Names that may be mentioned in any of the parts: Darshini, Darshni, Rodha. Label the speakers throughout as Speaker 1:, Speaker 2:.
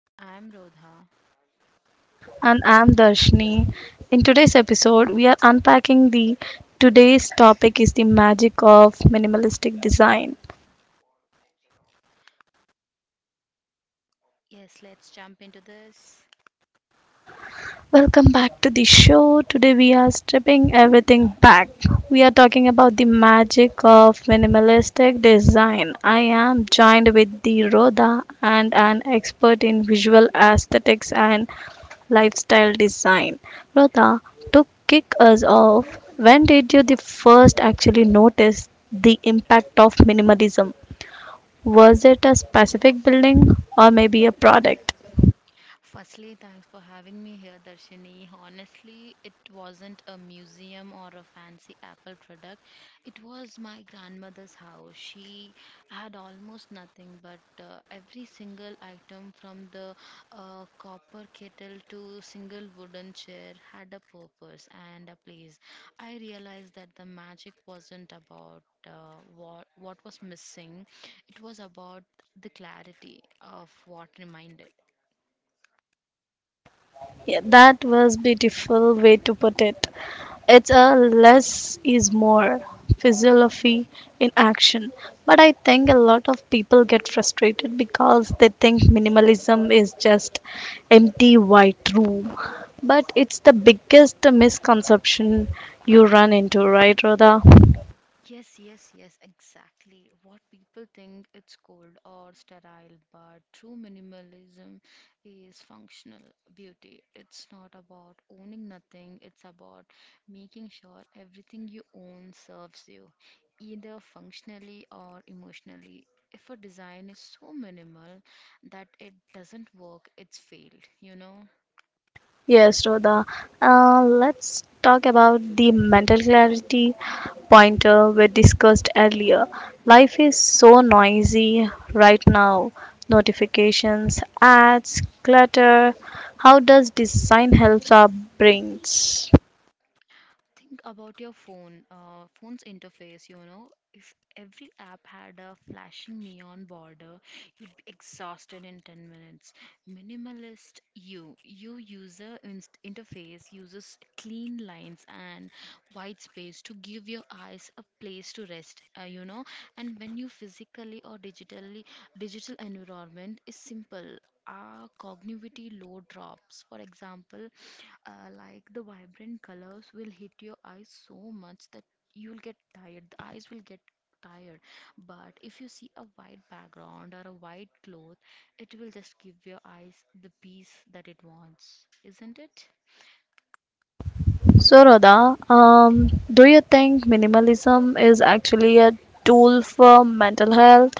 Speaker 1: And I'm Rodha.
Speaker 2: And I'm Darshni. In today's episode, we are unpacking the today's topic is the magic of minimalistic design.
Speaker 1: Yes, let's jump into this.
Speaker 2: Welcome back to the show. Today we are stripping everything back. We are talking about the magic of minimalistic design. I am joined with the Rhoda and an expert in visual aesthetics and lifestyle design. Rhoda, to kick us off, when did you the first actually notice the impact of minimalism? Was it a specific building or maybe a product?
Speaker 1: Firstly, thanks for having me here, Darshini. Honestly, it wasn't a museum or a fancy Apple product. It was my grandmother's house. She had almost nothing, but every single item from the copper kettle to single wooden chair had a purpose and a place. I realized that the magic wasn't about what was missing. It was about the clarity of what reminded.
Speaker 2: Yeah, that was beautiful way to put it. It's a less is more philosophy in action. But I think a lot of people get frustrated because they think minimalism is just empty white room. But it's the biggest misconception you run into, right, Rhoda?
Speaker 1: Yes, yes, yes, exactly. What people think it's cold or sterile, but true minimalism is functional beauty. It's not about owning nothing, it's about making sure everything you own serves you, either functionally or emotionally. If a design is so minimal that it doesn't work, it's failed, you know?
Speaker 2: Yes, Rhoda. Let's talk about the mental clarity pointer we discussed earlier. Life is so noisy right now. Notifications, ads, clutter. How does design help our brains?
Speaker 1: Think about your phone's interface, you know. If every app had a flashing neon border, you'd be exhausted in 10 minutes. Minimalist interface uses clean lines and white space to give your eyes a place to rest, you know. And when you physically or digitally, digital environment is simple, our cognitivity load drops. For example, like the vibrant colors will hit your eyes so much that you'll get tired. The eyes will get tired. But if you see a white background or a white cloth, it will just give your eyes the peace that it wants, isn't it?
Speaker 2: So, Rhoda, do you think minimalism is actually a tool for mental health?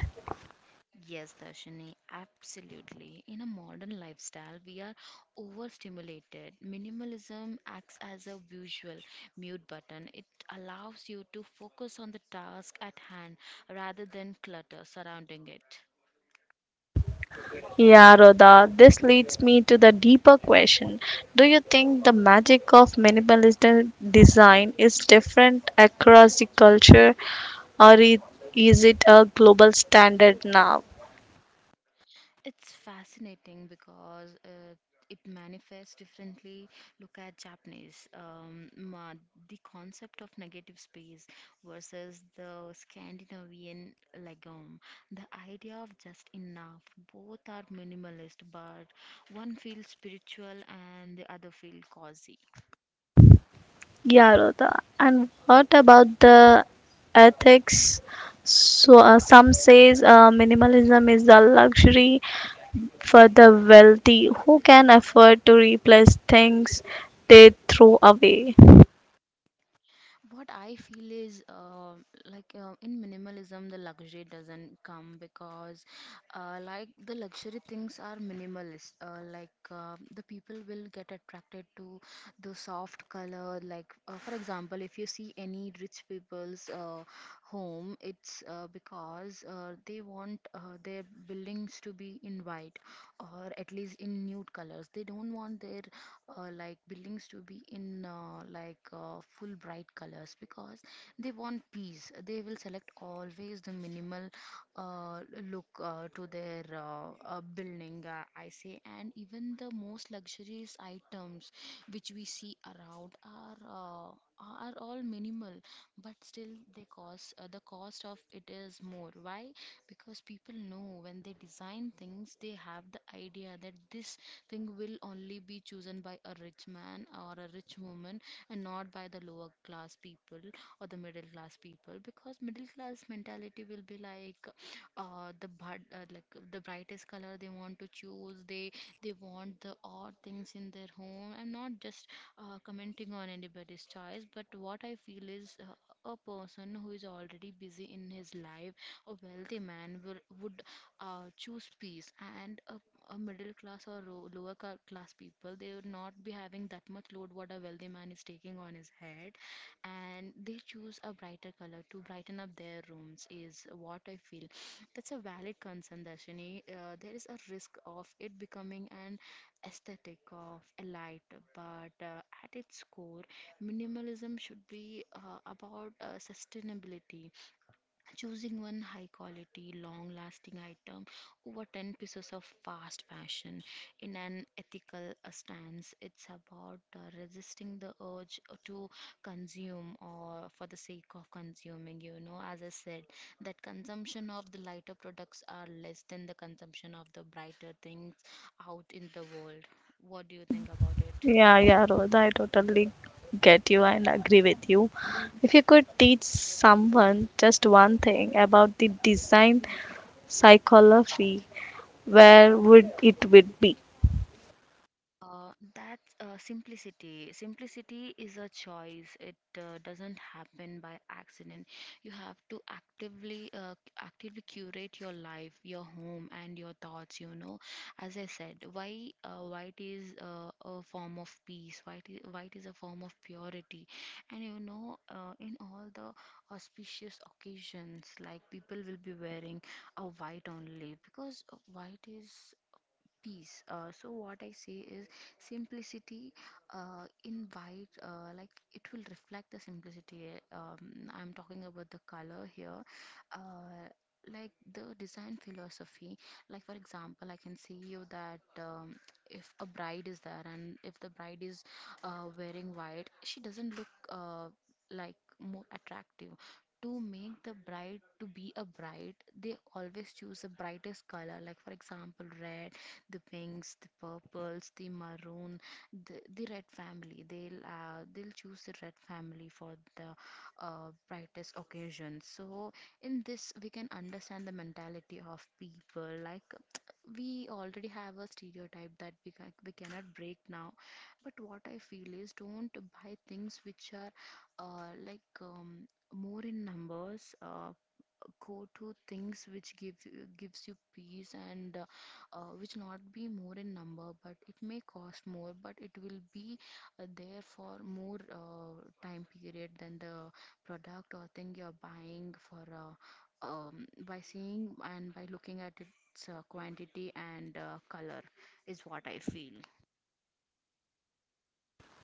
Speaker 1: Yes, Darshini, absolutely. In a modern lifestyle, we are overstimulated. Minimalism acts as a visual mute button. It allows you to focus on the task at hand rather than clutter surrounding it.
Speaker 2: Yeah, Rhoda, this leads me to the deeper question. Do you think the magic of minimalist design is different across the culture or i- is it a global standard now?
Speaker 1: It's fascinating because it manifests differently. Look at Japanese. The concept of negative space versus the Scandinavian legume. The idea of just enough. Both are minimalist, but one feels spiritual and the other feels cozy.
Speaker 2: Yeah, Rhoda. And what about the ethics? So some says minimalism is a luxury for the wealthy who can afford to replace things they throw away.
Speaker 1: What I feel is in minimalism, the luxury doesn't come because, the luxury things are minimalist. The people will get attracted to the soft color. For example, if you see any rich people's home, it's because they want their buildings to be in white, or at least in nude colors. They don't want their buildings to be in full bright colors, because they want peace. They will select always the minimal uh, look to their building, I say. And even the most luxurious items which we see around are all minimal, but still they cost the cost of it is more. Why? Because people know when they design things, they have the idea that this thing will only be chosen by a rich man or a rich woman and not by the lower class people or the middle class people, because middle class mentality will be like the brightest color they want to choose. They want the odd things in their home. I'm not just commenting on anybody's choice, but what I feel is a person who is already busy in his life, a wealthy man would choose peace, and a middle class or class people, they would not be having that much load what a wealthy man is taking on his head, and they choose a brighter color to brighten up their rooms is what I feel. That's a valid concern, Darshini. There is a risk of it becoming an aesthetic of a light, but at its core, minimalism should be about sustainability, choosing one high quality, long lasting item over 10 pieces of fast fashion in an ethical stance. It's about resisting the urge to consume or for the sake of consuming, you know. As I said, that consumption of the lighter products are less than the consumption of the brighter things out in the world. What do you think about it?
Speaker 2: Yeah, yeah, Rosa, I totally get you and agree with you. If you could teach someone just one thing about the design psychology, where would it would be?
Speaker 1: That's Simplicity. Simplicity is a choice. It doesn't happen by accident. You have to actively curate your life, your home, and your thoughts. You know, as I said, why white is a form of peace. White is a form of purity, and you know, in all the auspicious occasions, like people will be wearing a white only because white is peace. So what I say is simplicity invite like it will reflect the simplicity. I'm talking about the color here. Uh, like the design philosophy, like for example, I can see you that if a bride is there and if the bride is wearing white, she doesn't look like more attractive. To make the bride to be a bride, they always choose the brightest color, like for example red, the pinks, the purples, the maroon, the red family. They'll choose the red family for the brightest occasions. So in this, we can understand the mentality of people. Like we already have a stereotype that we cannot break now. But what I feel is don't buy things which are uh, like um, more in numbers. Go to things which gives you peace, and which not be more in number, but it may cost more, but it will be there for more time period than the product or thing you're buying for, by seeing and by looking at its quantity and color is what I feel.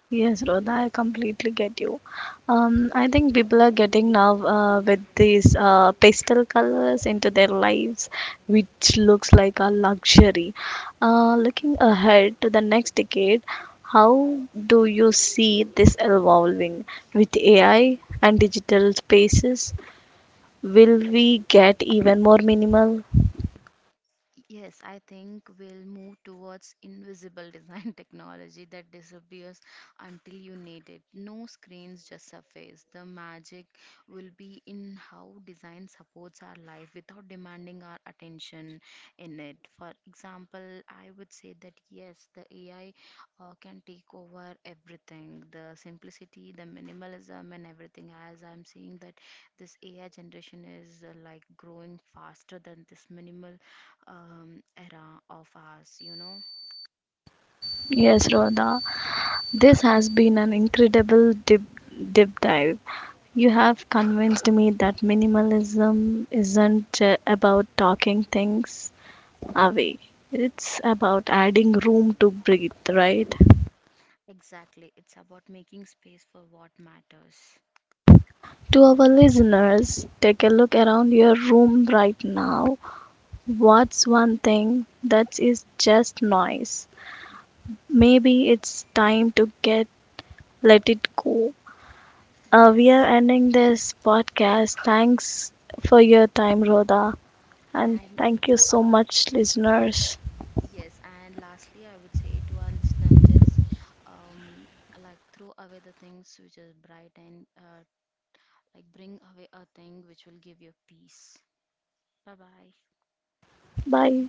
Speaker 2: Yes, Rodha, I completely get you. I think people are getting now with these pastel colors into their lives, which looks like a luxury. Looking ahead to the next decade, how do you see this evolving with AI and digital spaces? Will we get even more minimal?
Speaker 1: Yes, I think we'll move towards invisible design technology that disappears until you need it. No screens, just surface. The magic will be in how design supports our life without demanding our attention in it. For example, I would say that yes, the AI can take over everything, the simplicity, the minimalism, and everything. As I'm seeing that this AI generation is like growing faster than this minimal era of ours, you know?
Speaker 2: Yes, Rodha, this has been an incredible dip deep dive. You have convinced me that minimalism isn't about talking things away. It's about adding room to breathe, right?
Speaker 1: Exactly. It's about making space for what matters.
Speaker 2: To our listeners, take a look around your room right now. What's one thing that is just noise? Maybe it's time to get let it go. We are
Speaker 1: Yes.
Speaker 2: ending this podcast. Thanks for your time, Rhoda, and
Speaker 1: And
Speaker 2: thank you
Speaker 1: to
Speaker 2: so much, listeners.
Speaker 1: yes, and lastly, I would say to our listener, just um, like throw away the things which is bright, and like bring away a thing which will give you peace. Bye bye.
Speaker 2: Bye.